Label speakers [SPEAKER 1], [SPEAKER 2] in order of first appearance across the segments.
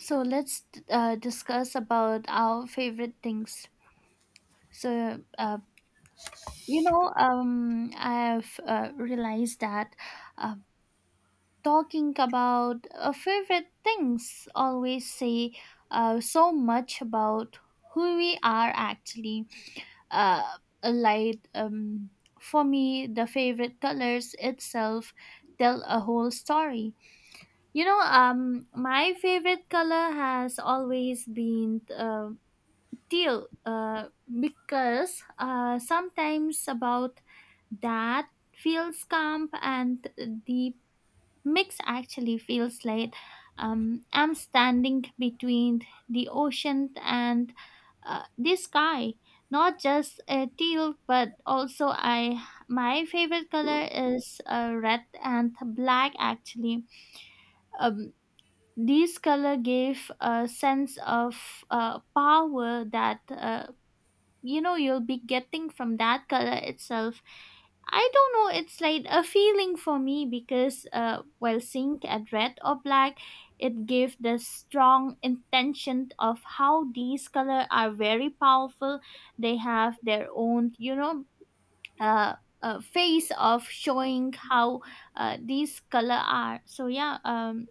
[SPEAKER 1] So let's discuss about our favorite things. So uh, I've realized that uh, talking about favorite things always say so much about who we are actually. Uh, like um, for me, the favorite colors itself tell a whole story. My favorite color has always been, still because sometimes about that feels calm and the mix actually feels like I'm standing between the ocean and the sky, not just a teal, but also I, my favorite color is red and black actually. um, these color gave a sense of power that you'll be getting from that color itself. I don't know, it's like a feeling for me because while seeing at red or black, it gave the strong intention of how these color are very powerful. They have their own, uh face of showing how these color are so, yeah.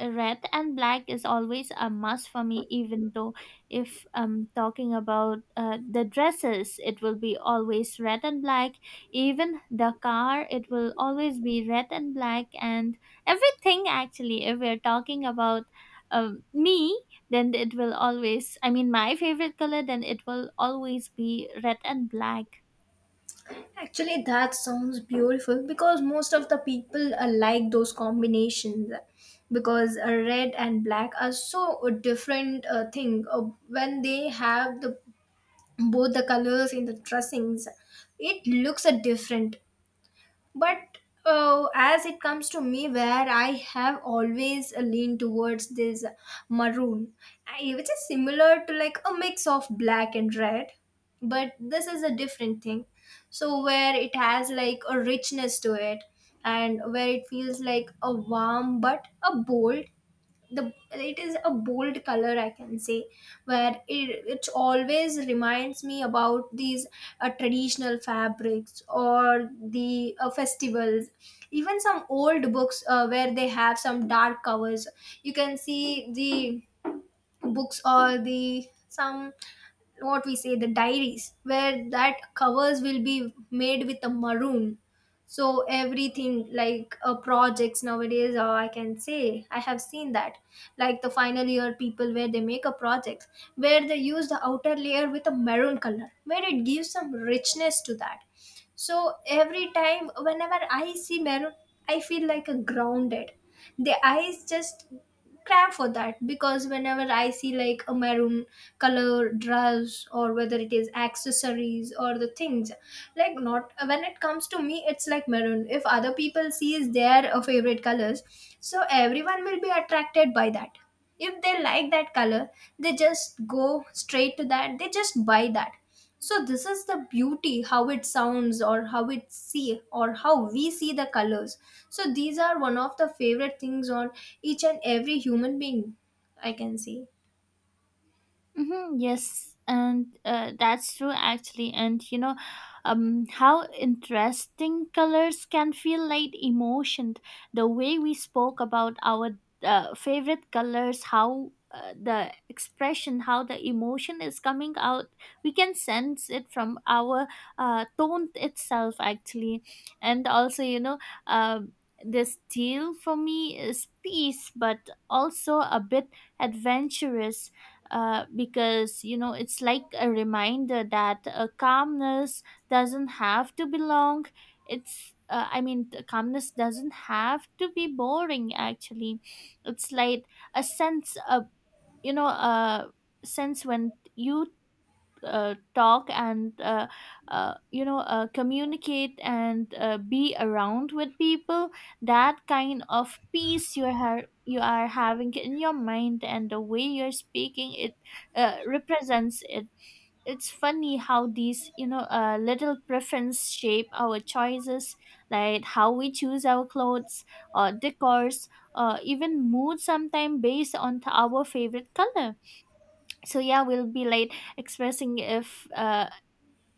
[SPEAKER 1] red and black is always a must for me, even though if I'm talking about the dresses, it will be always red and black. Even the car, it will always be red and black. And everything actually, if we're talking about me, then it will always, I mean, my favorite color, then it will always be red and black.
[SPEAKER 2] Actually, that sounds beautiful because most of the people like those combinations because red and black are so a different thing when they have the both the colors in the dressings, it looks a different. But as it comes to me, where I have always leaned towards this maroon, which is similar to like a mix of black and red, but this is a different thing. So where it has like a richness to it, and where it feels like a warm but a bold, the it is a bold color, I can say, where it always reminds me about these traditional fabrics or the festivals. Even some old books where they have some dark covers, you can see the books or the some, what we say, the diaries where that covers will be made with a maroon. So everything like projects nowadays, I can say I have seen that, like the final year people where they make a project, where they use the outer layer with a maroon color where it gives some richness to that. So every time whenever I see maroon, I feel like a grounded, the eyes just crave for that, because whenever I see like a maroon color dress or whether it is accessories or the things, like not when it comes to me, it's like maroon. If other people sees their favorite colors, so everyone will be attracted by that. If they like that color, they just go straight to that, they just buy that. So this is the beauty how it sounds or how it see or how we see the colors. So these are one of the favorite things on each and every human being, I can say.
[SPEAKER 1] Mm-hmm, yes, and that's true actually. And you know, how interesting colors can feel like emotion. The way we spoke about our favorite colors, how the expression, how the emotion is coming out, we can sense it from our tone itself actually. And also, you know, um this deal for me is peace, but also a bit adventurous, because you know it's like a reminder that calmness doesn't have to be long. It's I mean, the calmness doesn't have to be boring actually. It's like a sense of, you know, a sense when you talk and communicate and be around with people. That kind of peace you are, you are having in your mind and the way you're speaking it represents it. It's funny how these, little preference shape our choices, like how we choose our clothes or decors or even mood sometimes based on our favorite color. So yeah, we'll be late expressing if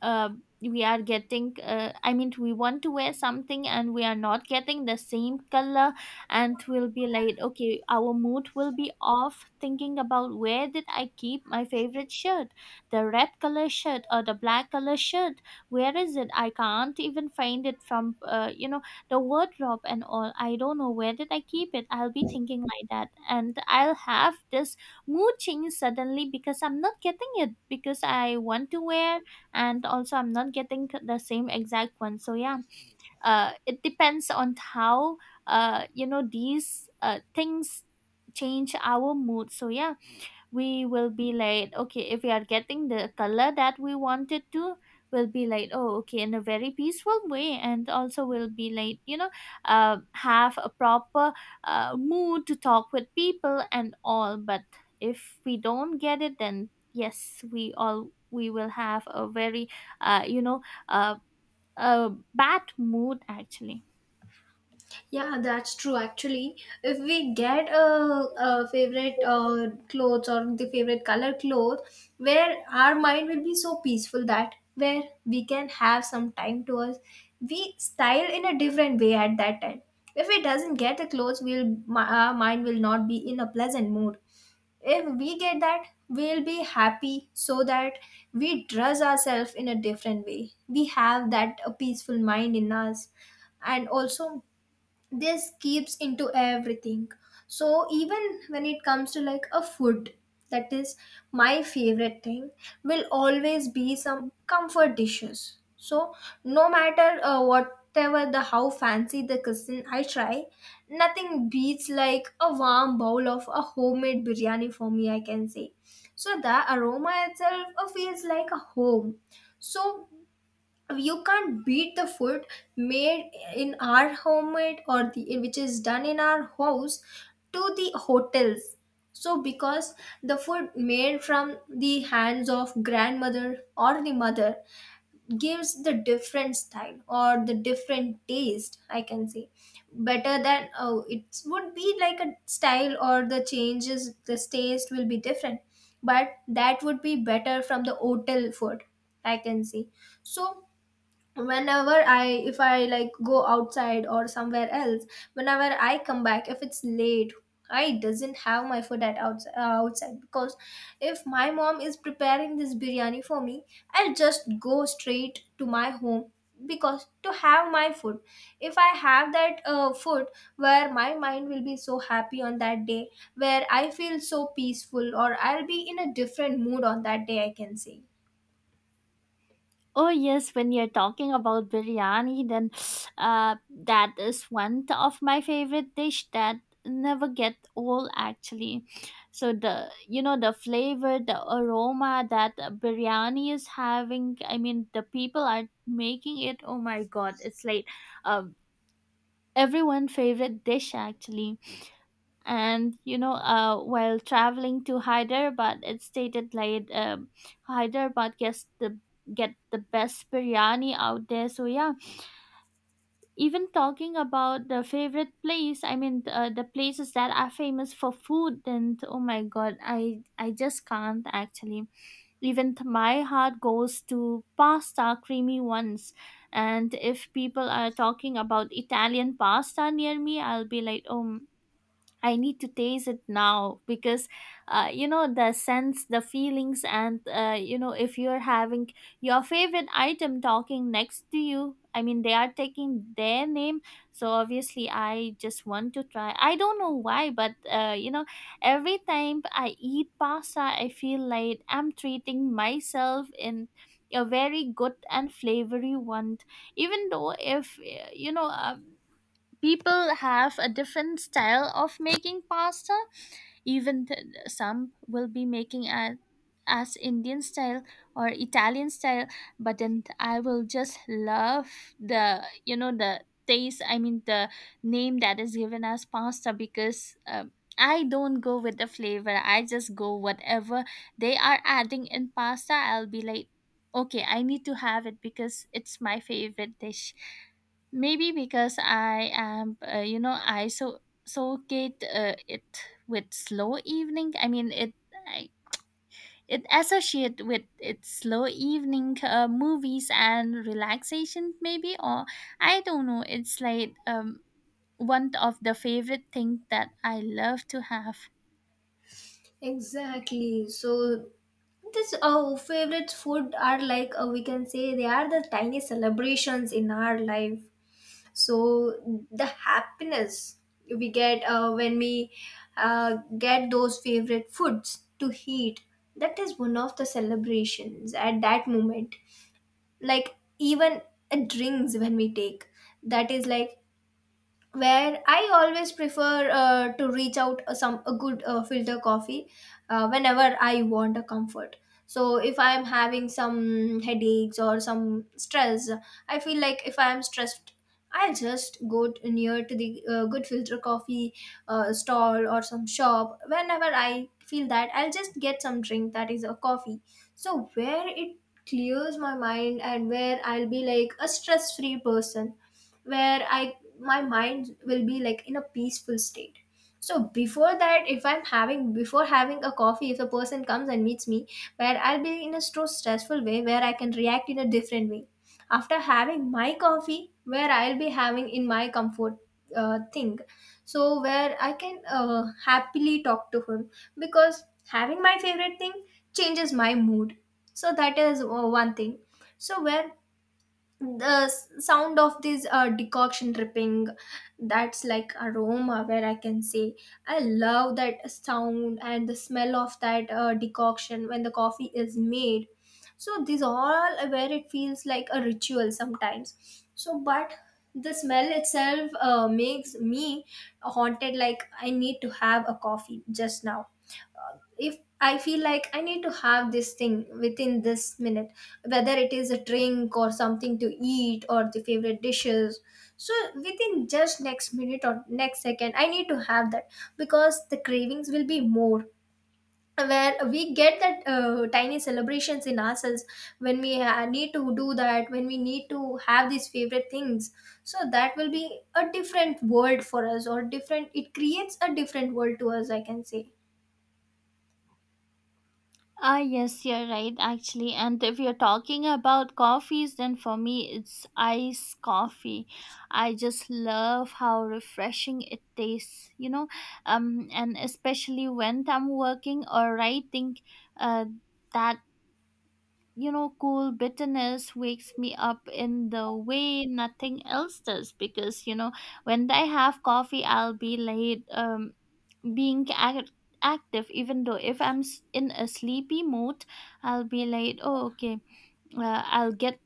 [SPEAKER 1] uh, we are getting I mean, we want to wear something and we are not getting the same color, and we'll be like, okay, our mood will be off thinking about, where did I keep my favorite shirt, the red color shirt or the black color shirt? Where is it? I can't even find it from, you know, the wardrobe and all. I don't know where did I keep it. I'll be thinking like that, and I'll have this mood change suddenly because I'm not getting it, because I want to wear, and also I'm not getting the same exact one. So yeah, it depends on how, you know, these things change our mood. So yeah, we will be like, okay, if we are getting the color that we wanted to, we'll be like, oh, okay, in a very peaceful way. And also we'll be like, you know, have a proper mood to talk with people and all. But if we don't get it, then yes, we all we will have a very, uh, you know, uh, a bad mood actually.
[SPEAKER 2] Yeah, that's true. Actually, if we get a favorite clothes or the favorite color clothes, where our mind will be so peaceful that where we can have some time to us, we style in a different way at that time. If we doesn't get the clothes, we'll our mind will not be in a pleasant mood. If we get that, we'll be happy so that we dress ourselves in a different way. We have that a peaceful mind in us, and also this keeps into everything. So even when it comes to like a food, that is my favorite thing, will always be some comfort dishes. So no matter whatever the how fancy the cuisine I try, nothing beats like a warm bowl of a homemade biryani for me, I can say. So the aroma itself feels like a home. So you can't beat the food made in our homemade or the which is done in our house, to the hotels. So because the food made from the hands of grandmother or the mother gives the different style or the different taste, I can say, better than, oh, it would be like a style or the changes, the taste will be different, but that would be better from the hotel food, I can say. So whenever I, if I like go outside or somewhere else, whenever I come back if it's late, I doesn't have my food at outside, because if my mom is preparing this biryani for me, I'll just go straight to my home because to have my food. If I have that food, where my mind will be so happy on that day, where I feel so peaceful or I'll be in a different mood on that day, I can say.
[SPEAKER 1] Oh yes, when you're talking about biryani, then that is one of my favorite dish that never get old actually. So the, you know, the flavor, the aroma that biryani is having. I mean, the people are making it. Oh my God, it's like um, everyone favorite dish actually. And you know, while traveling to Hyderabad, it stated like, Hyderabad get the best biryani out there. So yeah, even talking about the favorite place, I mean, the places that are famous for food, then oh my god, I just can't actually. Even my heart goes to pasta, creamy ones. And if people are talking about Italian pasta near me, I'll be like, oh, I need to taste it now, because the sense, the feelings, and, you know, if you're having your favorite item talking next to you, I mean, they are taking their name. So obviously I just want to try. I don't know why, but, every time I eat pasta, I feel like I'm treating myself in a very good and flavory one, even though if people have a different style of making pasta. Even some will be making a, as Indian style or Italian style, but then I will just love the, you know, the taste. I mean, the name that is given as pasta. Because I don't go with the flavor. I just go whatever they are adding in pasta. I'll be like, okay, I need to have it because it's my favorite dish, maybe because I am, you know, I so associate it with slow evening. I mean, I, it associate with its slow evening, movies and relaxation, maybe, or I don't know. It's like, one of the favorite thing that I love to have.
[SPEAKER 2] Exactly. So this our favorite food are like, we can say, they are the tiny celebrations in our life. So the happiness we get when we get those favorite foods to eat, that is one of the celebrations at that moment. Like even drinks when we take, that is like where I always prefer to reach out a, some a good filter coffee whenever I want a comfort. So if I am having some headaches or some stress, I feel like if I am stressed, I'll just go near to the good filter coffee stall or some shop. Whenever I feel that, I'll just get some drink that is a coffee. So where it clears my mind and where I'll be like a stress-free person, where I, my mind will be like in a peaceful state. So before that, if I'm having, before having a coffee, if a person comes and meets me, where I'll be in a so stressful way where I can react in a different way. After having my coffee, where I'll be having in my comfort thing, so where I can happily talk to him, because having my favorite thing changes my mood. So that is one thing. So where the sound of this decoction dripping, that's like aroma, where I can say I love that sound and the smell of that decoction when the coffee is made. So these all are where it feels like a ritual sometimes. So but the smell itself makes me haunted, like I need to have a coffee just now. If I feel like I need to have this thing within this minute, whether it is a drink or something to eat or the favorite dishes, so within just next minute or next second I need to have that, because the cravings will be more, where we get that tiny celebrations in ourselves when we need to do that, when we need to have these favorite things. So that will be a different world for us, or different, it creates a different world to us, I can say.
[SPEAKER 1] Ah, yes, you're right, actually. And if you're talking about coffees, then for me, it's iced coffee. I just love how refreshing it tastes, you know, and especially when I'm working or writing, uh, that, you know, cool bitterness wakes me up in the way nothing else does. Because, you know, when I have coffee, I'll be late, being active, even though if I'm in a sleepy mood. I'll be like, oh, okay, I'll get,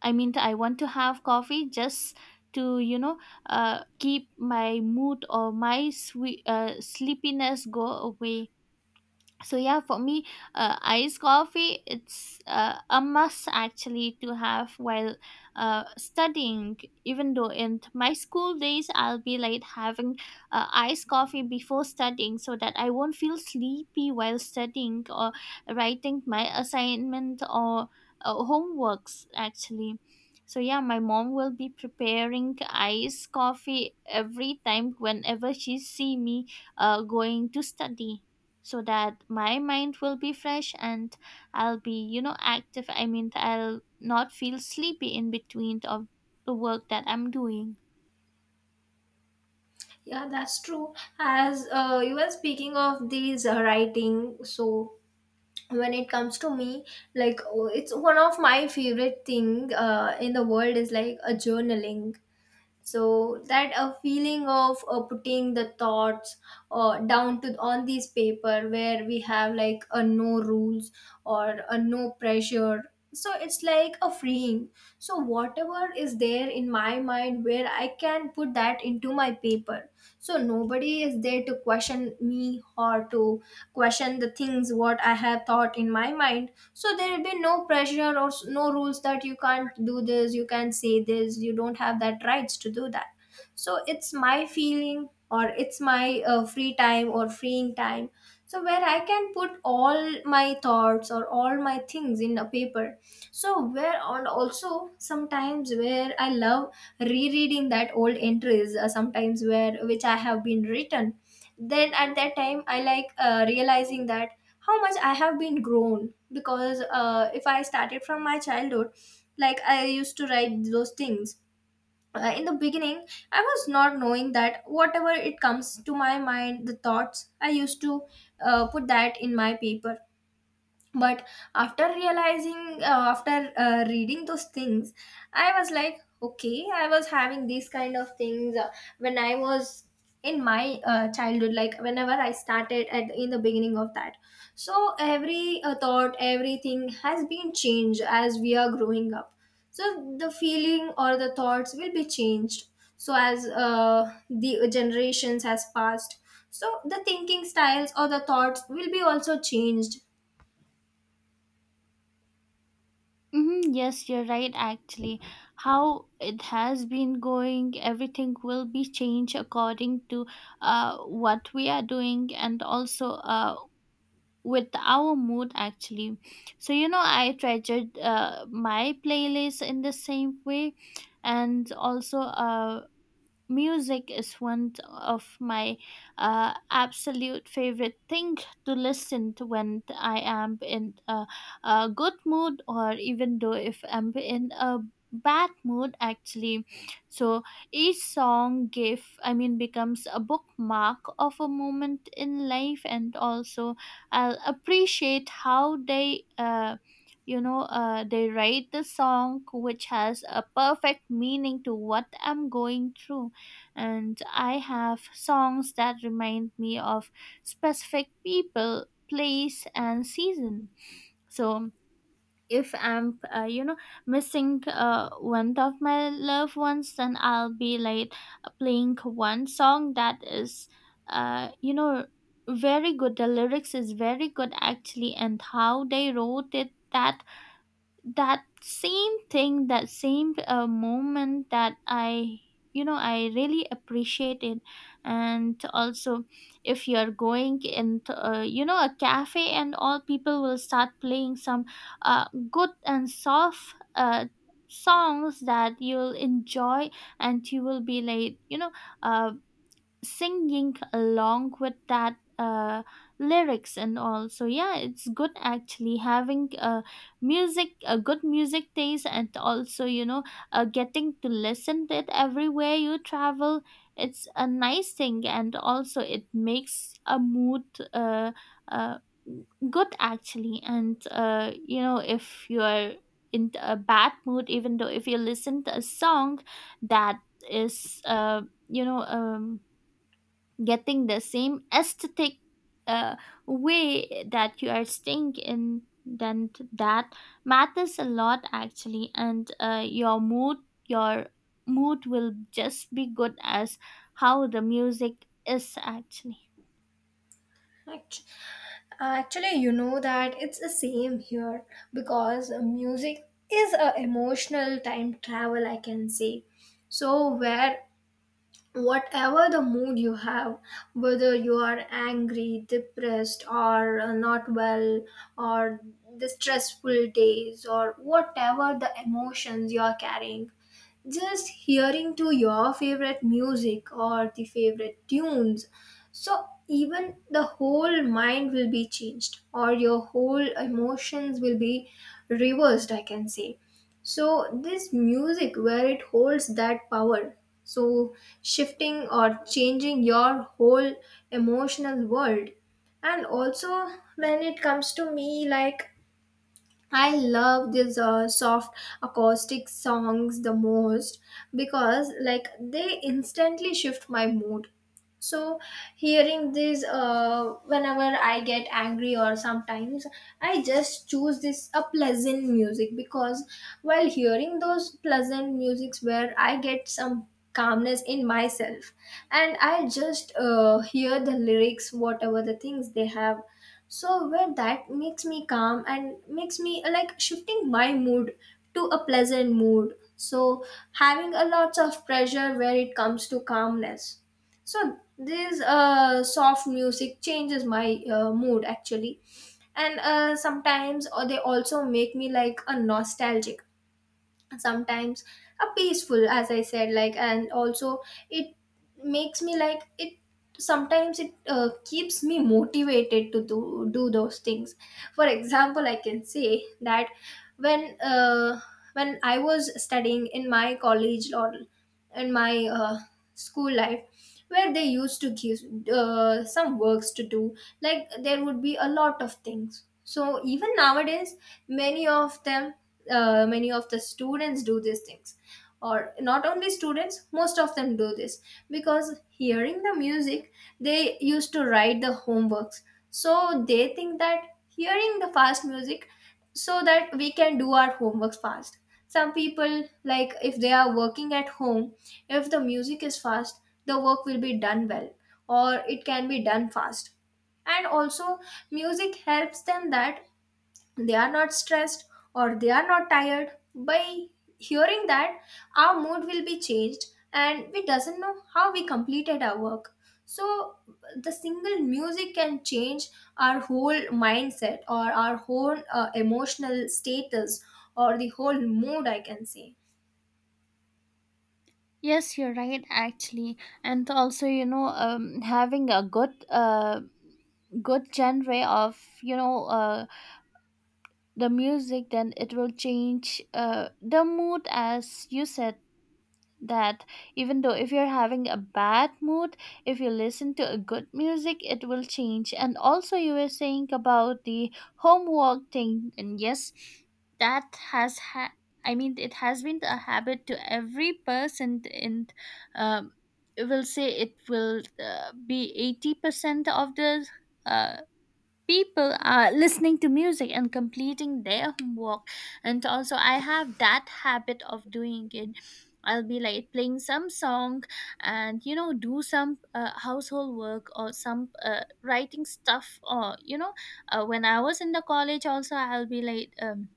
[SPEAKER 1] I mean, I want to have coffee just to, you know, keep my mood or my sleepiness go away. So yeah, for me, iced coffee, it's a must actually to have while studying. Even though in my school days, I'll be like having iced coffee before studying, so that I won't feel sleepy while studying or writing my assignment or homeworks actually. So yeah, my mom will be preparing iced coffee every time whenever she see me going to study, so that my mind will be fresh and I'll be, you know, active. I mean, I'll not feel sleepy in between of the work that I'm doing.
[SPEAKER 2] Yeah, that's true. As you were speaking of these writing, so when it comes to me, like, oh, it's one of my favorite thing in the world is like a journaling. So that a feeling of putting the thoughts down to on this paper, where we have like a no rules or a no pressure. So it's like a freeing. So whatever is there in my mind, where I can put that into my paper. So nobody is there to question me or to question the things what I have thought in my mind. So there will be no pressure or no rules that you can't do this, you can't say this, you don't have that rights to do that. So it's my feeling or it's my free time or freeing time. So where I can put all my thoughts or all my things in a paper. So where, and also sometimes where I love rereading that old entries sometimes, where which I have been written, then at that time I like realizing that how much I have been grown, because if I started from my childhood, like I used to write those things. In the beginning, I was not knowing that whatever it comes to my mind, the thoughts, I used to put that in my paper. But after realizing, after reading those things, I was like, okay, I was having these kind of things when I was in my childhood, like whenever I started at in the beginning of that. So every thought, everything has been changed as we are growing up. So the feeling or the thoughts will be changed. So as the generations has passed, so the thinking styles or the thoughts will be also changed.
[SPEAKER 1] Mm-hmm, yes, you're right, actually. How it has been going, everything will be changed according to what we are doing, and also with our mood, actually. So, you know, I treasured my playlist in the same way. And also, music is one of my absolute favorite thing to listen to when I am in a good mood, or even though if I'm in a bad mood actually. So each song give I mean becomes a bookmark of a moment in life. And also, I'll appreciate how they, they write the song which has a perfect meaning to what I'm going through. And I have songs that remind me of specific people, place, and season. So if I'm, missing one of my loved ones, then I'll be like playing one song that is, uh, you know, very good. The lyrics is very good actually, and how they wrote it that that same thing that same moment that I you know I really appreciate it. And also, if you're going in a cafe and all people will start playing some uh, good and soft songs that you'll enjoy, and you will be like uh, singing along with that lyrics and all. So yeah, it's good actually having music, a good music taste, and also getting to listen to it everywhere you travel. It's a nice thing, and also it makes a mood uh, uh, good actually. And you know, if you're in a bad mood, even though if you listen to a song that is you know um, getting the same aesthetic uh, way that you are staying in, then that matters a lot actually. And your your mood will just be good as how the music is actually.
[SPEAKER 2] Act- Actually, you know that it's the same here because music is a emotional time travel, I can say. So where whatever the mood you have, whether you are angry, depressed, or not well, or the stressful days, or whatever the emotions you are carrying, just hearing to your favorite music or the favorite tunes, so even the whole mind will be changed or your whole emotions will be reversed, I can say. So this music, where it holds that power, so shifting or changing your whole emotional world. And also, when it comes to me, like I love these soft acoustic songs the most because like they instantly shift my mood. So hearing these whenever I get angry, or sometimes I just choose this a pleasant music, because while hearing those pleasant musics where I get some calmness in myself. And I just hear the lyrics, whatever the things they have, so where that makes me calm and makes me like shifting my mood to a pleasant mood. So having a lots of pressure where it comes to calmness, so this soft music changes my mood actually. And sometimes or they also make me like a nostalgic sometimes, a peaceful, as I said, like, and also it makes me like it. Sometimes it keeps me motivated to do those things. For example, I can say that when uh, when I was studying in my college, or in my school life, where they used to give some works to do, like there would be a lot of things. So even nowadays many of them, many of the students do these things, or not only students, most of them do this, because hearing the music they used to write the homeworks. So they think that hearing the fast music, so that we can do our homeworks fast. Some people, like, if they are working at home, if the music is fast, the work will be done well, or it can be done fast. And also music helps them that they are not stressed, or they are not tired. By hearing that, our mood will be changed, and we doesn't know how we completed our work. So the single music can change our whole mindset, or our whole emotional status, or the whole mood, I can say.
[SPEAKER 1] Yes, you're right actually. And also having a good good genre of the music, then it will change the mood, as you said. That even though if you're having a bad mood, if you listen to a good music, it will change. And also, you were saying about the homework thing, and yes, that has ha- I mean, it has been a habit to every person. And um, it will say, it will be 80% of the uh, people are listening to music and completing their homework. And also I have that habit of doing it. I'll be like playing some song and you know, do some household work or some writing stuff, or when I was in the college also, I'll be like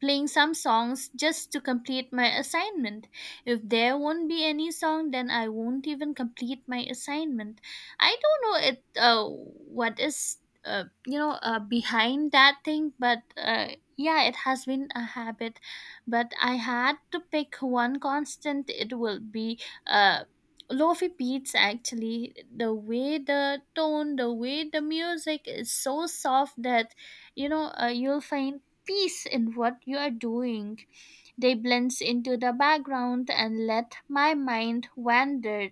[SPEAKER 1] playing some songs just to complete my assignment. If there won't be any song, then I won't even complete my assignment. I don't know it what is behind that thing, but yeah, it has been a habit. But I had to pick one constant. It will be uh, lofi beats actually. The way the tone, the way the music is so soft that you'll find peace in what you are doing. They blends into the background and let my mind wander.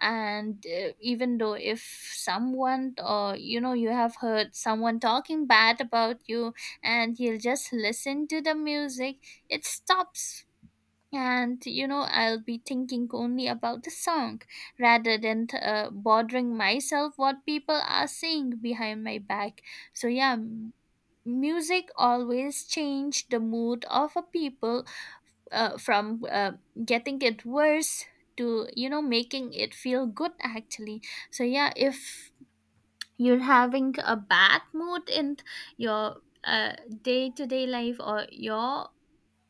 [SPEAKER 1] And even though if someone, or you know, you have heard someone talking bad about you, and you'll just listen to the music, it stops. And you know, I'll be thinking only about the song rather than bothering myself what people are saying behind my back. So yeah, music always changed the mood of a people from getting it worse to, you know, making it feel good actually. So yeah, if you're having a bad mood in your uh, day-to-day life or your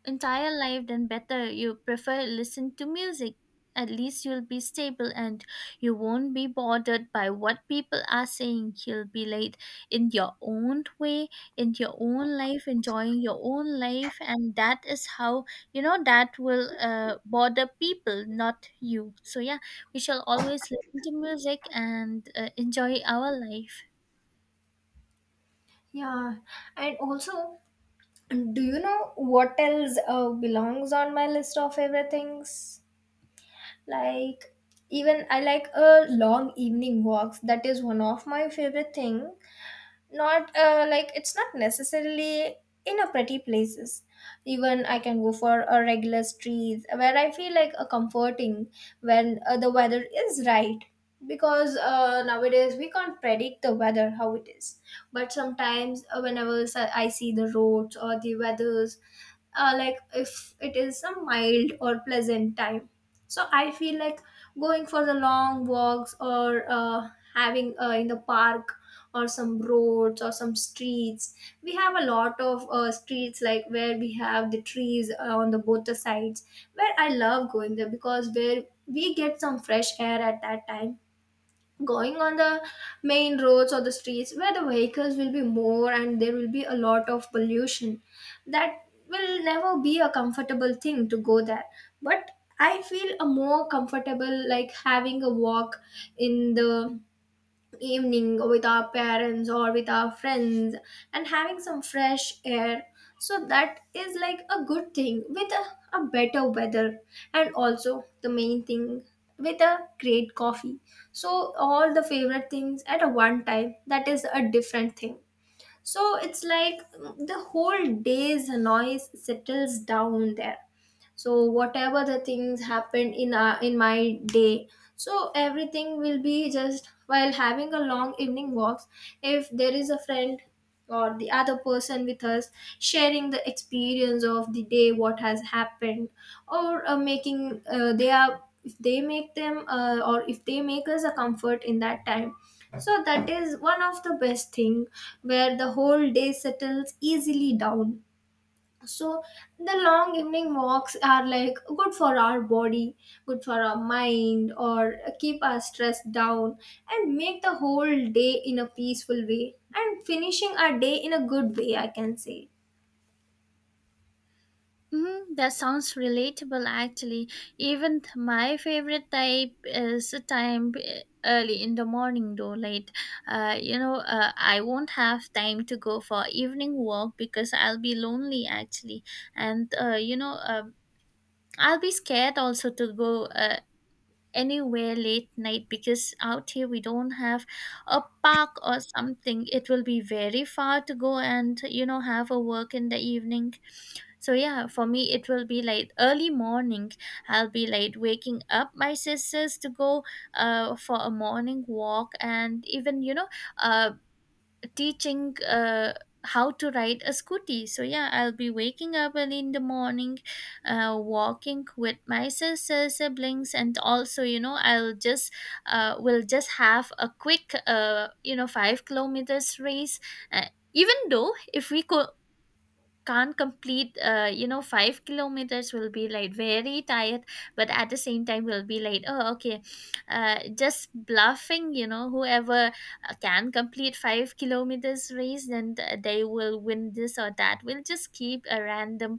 [SPEAKER 1] entire life, then better you prefer listen to music. At least you'll be stable and you won't be bothered by what people are saying. You'll be late in your own way, in your own life, enjoying your own life, and that is how, you know, that will bother people, not you. So yeah, we shall always listen to music and enjoy our life.
[SPEAKER 2] Yeah, and also, do you know what else belongs on my list of everything's, like, even I like a long evening walks. That is one of my favorite thing. Not like, it's not necessarily in a pretty places. Even I can go for a regular streets where I feel like a comforting, when the weather is right. Because nowadays we can't predict the weather how it is. But sometimes, whenever I see the roads or the weathers, like if it is a mild or pleasant time, so I feel like going for the long walks, or having in the park, or some roads or some streets. We have a lot of streets, like where we have the trees on the both the sides, where I love going there, because where we get some fresh air at that time. Going on the main roads or the streets where the vehicles will be more and there will be a lot of pollution, that will never be a comfortable thing to go there. But I feel a more comfortable, like having a walk in the evening with our parents or with our friends, and having some fresh air. So that is like a good thing, with a better weather, and also the main thing, with a great coffee. So all the favorite things at a one time, that is a different thing. So it's like, the whole day's noise settles down there. So whatever the things happened in my day, so everything will be just while having a long evening walks. If there is a friend or the other person with us, sharing the experience of the day what has happened, or making they are, if they make them or if they make us a comfort in that time, so that is one of the best thing, where the whole day settles easily down. So the long evening walks are like good for our body, good for our mind, or keep our stress down, and make the whole day in a peaceful way and finishing our day in a good way, I can say.
[SPEAKER 1] Mm, that sounds relatable actually. Even my favorite type is a time, eh, early in the morning, though late I won't have time to go for evening walk because I'll be lonely actually. And I'll be scared also to go anywhere late night, because out here we don't have a park or something. It will be very far to go, and you know, have a work in the evening. So yeah, for me it will be like early morning. I'll be like waking up my sisters to go for a morning walk, and even, you know, uh, teaching how to ride a scooty. So yeah, I'll be waking up early in the morning, walking with my sisters, siblings, and also, you know, I'll just will just have a quick 5 kilometers race. Uh, Even though if we can't complete, 5 kilometers, will be like very tired, but at the same time will be like, oh okay, just bluffing, you know, whoever can complete 5 kilometers race, then they will win this or that. We'll just keep a random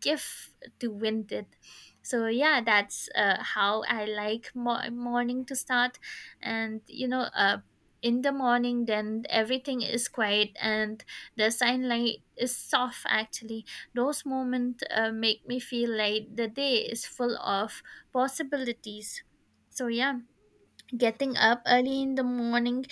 [SPEAKER 1] gift to win it. So yeah, that's how I like morning to start. And in the morning, then everything is quiet and the sunlight is soft actually. Those moments make me feel like the day is full of possibilities. So yeah, getting up early in the morning,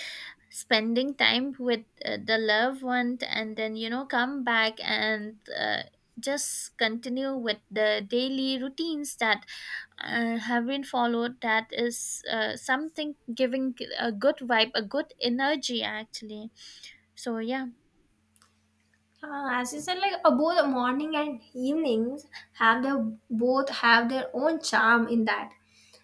[SPEAKER 1] spending time with the loved one, and then, you know, come back and just continue with the daily routines that have been followed. That is something giving a good vibe, a good energy actually. So yeah
[SPEAKER 2] As you said, like, both morning and evenings have their, both have their own charm in that.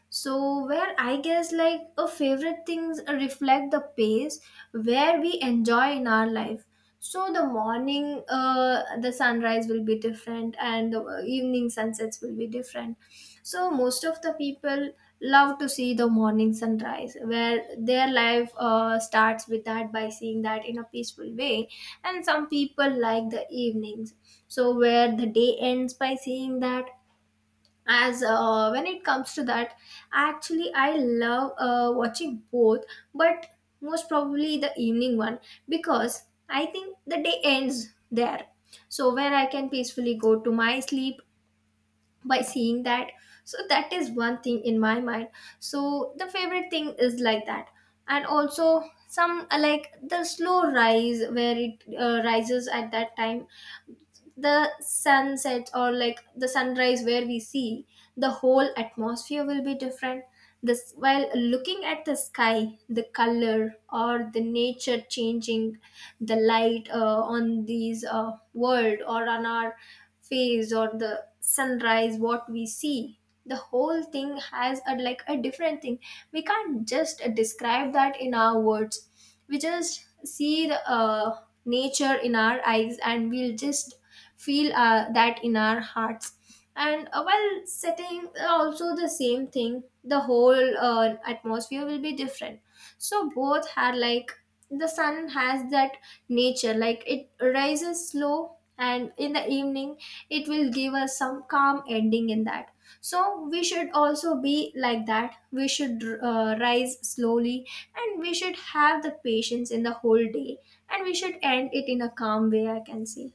[SPEAKER 2] So where I guess, like, a favorite things reflect the pace where we enjoy in our life. So the morning, the sunrise will be different, and the evening sunsets will be different. So most of the people love to see the morning sunrise, where their life starts with that by seeing that in a peaceful way. And some people like the evenings, so where the day ends by seeing that. As when it comes to that, actually I love watching both, but most probably the evening one, because I think the day ends there. So where I can peacefully go to my sleep by seeing that. So that is one thing in my mind. So the favorite thing is like that. And also some like the slow rise, where it rises at that time, the sunset or like the sunrise where we see, the whole atmosphere will be different. This, while looking at the sky, the color or the nature changing, the light on these world or on our face, or the sunrise what we see, the whole thing has a, like, a different thing. We can't just describe that in our words. We just see the nature in our eyes, and we'll just feel that in our hearts. And while setting, also the same thing, the whole atmosphere will be different. So both had, like, the sun has that nature, like it rises slow, and in the evening it will give us some calm ending in that. So we should also be like that, we should rise slowly, and we should have the patience in the whole day, and we should end it in a calm way, I can say.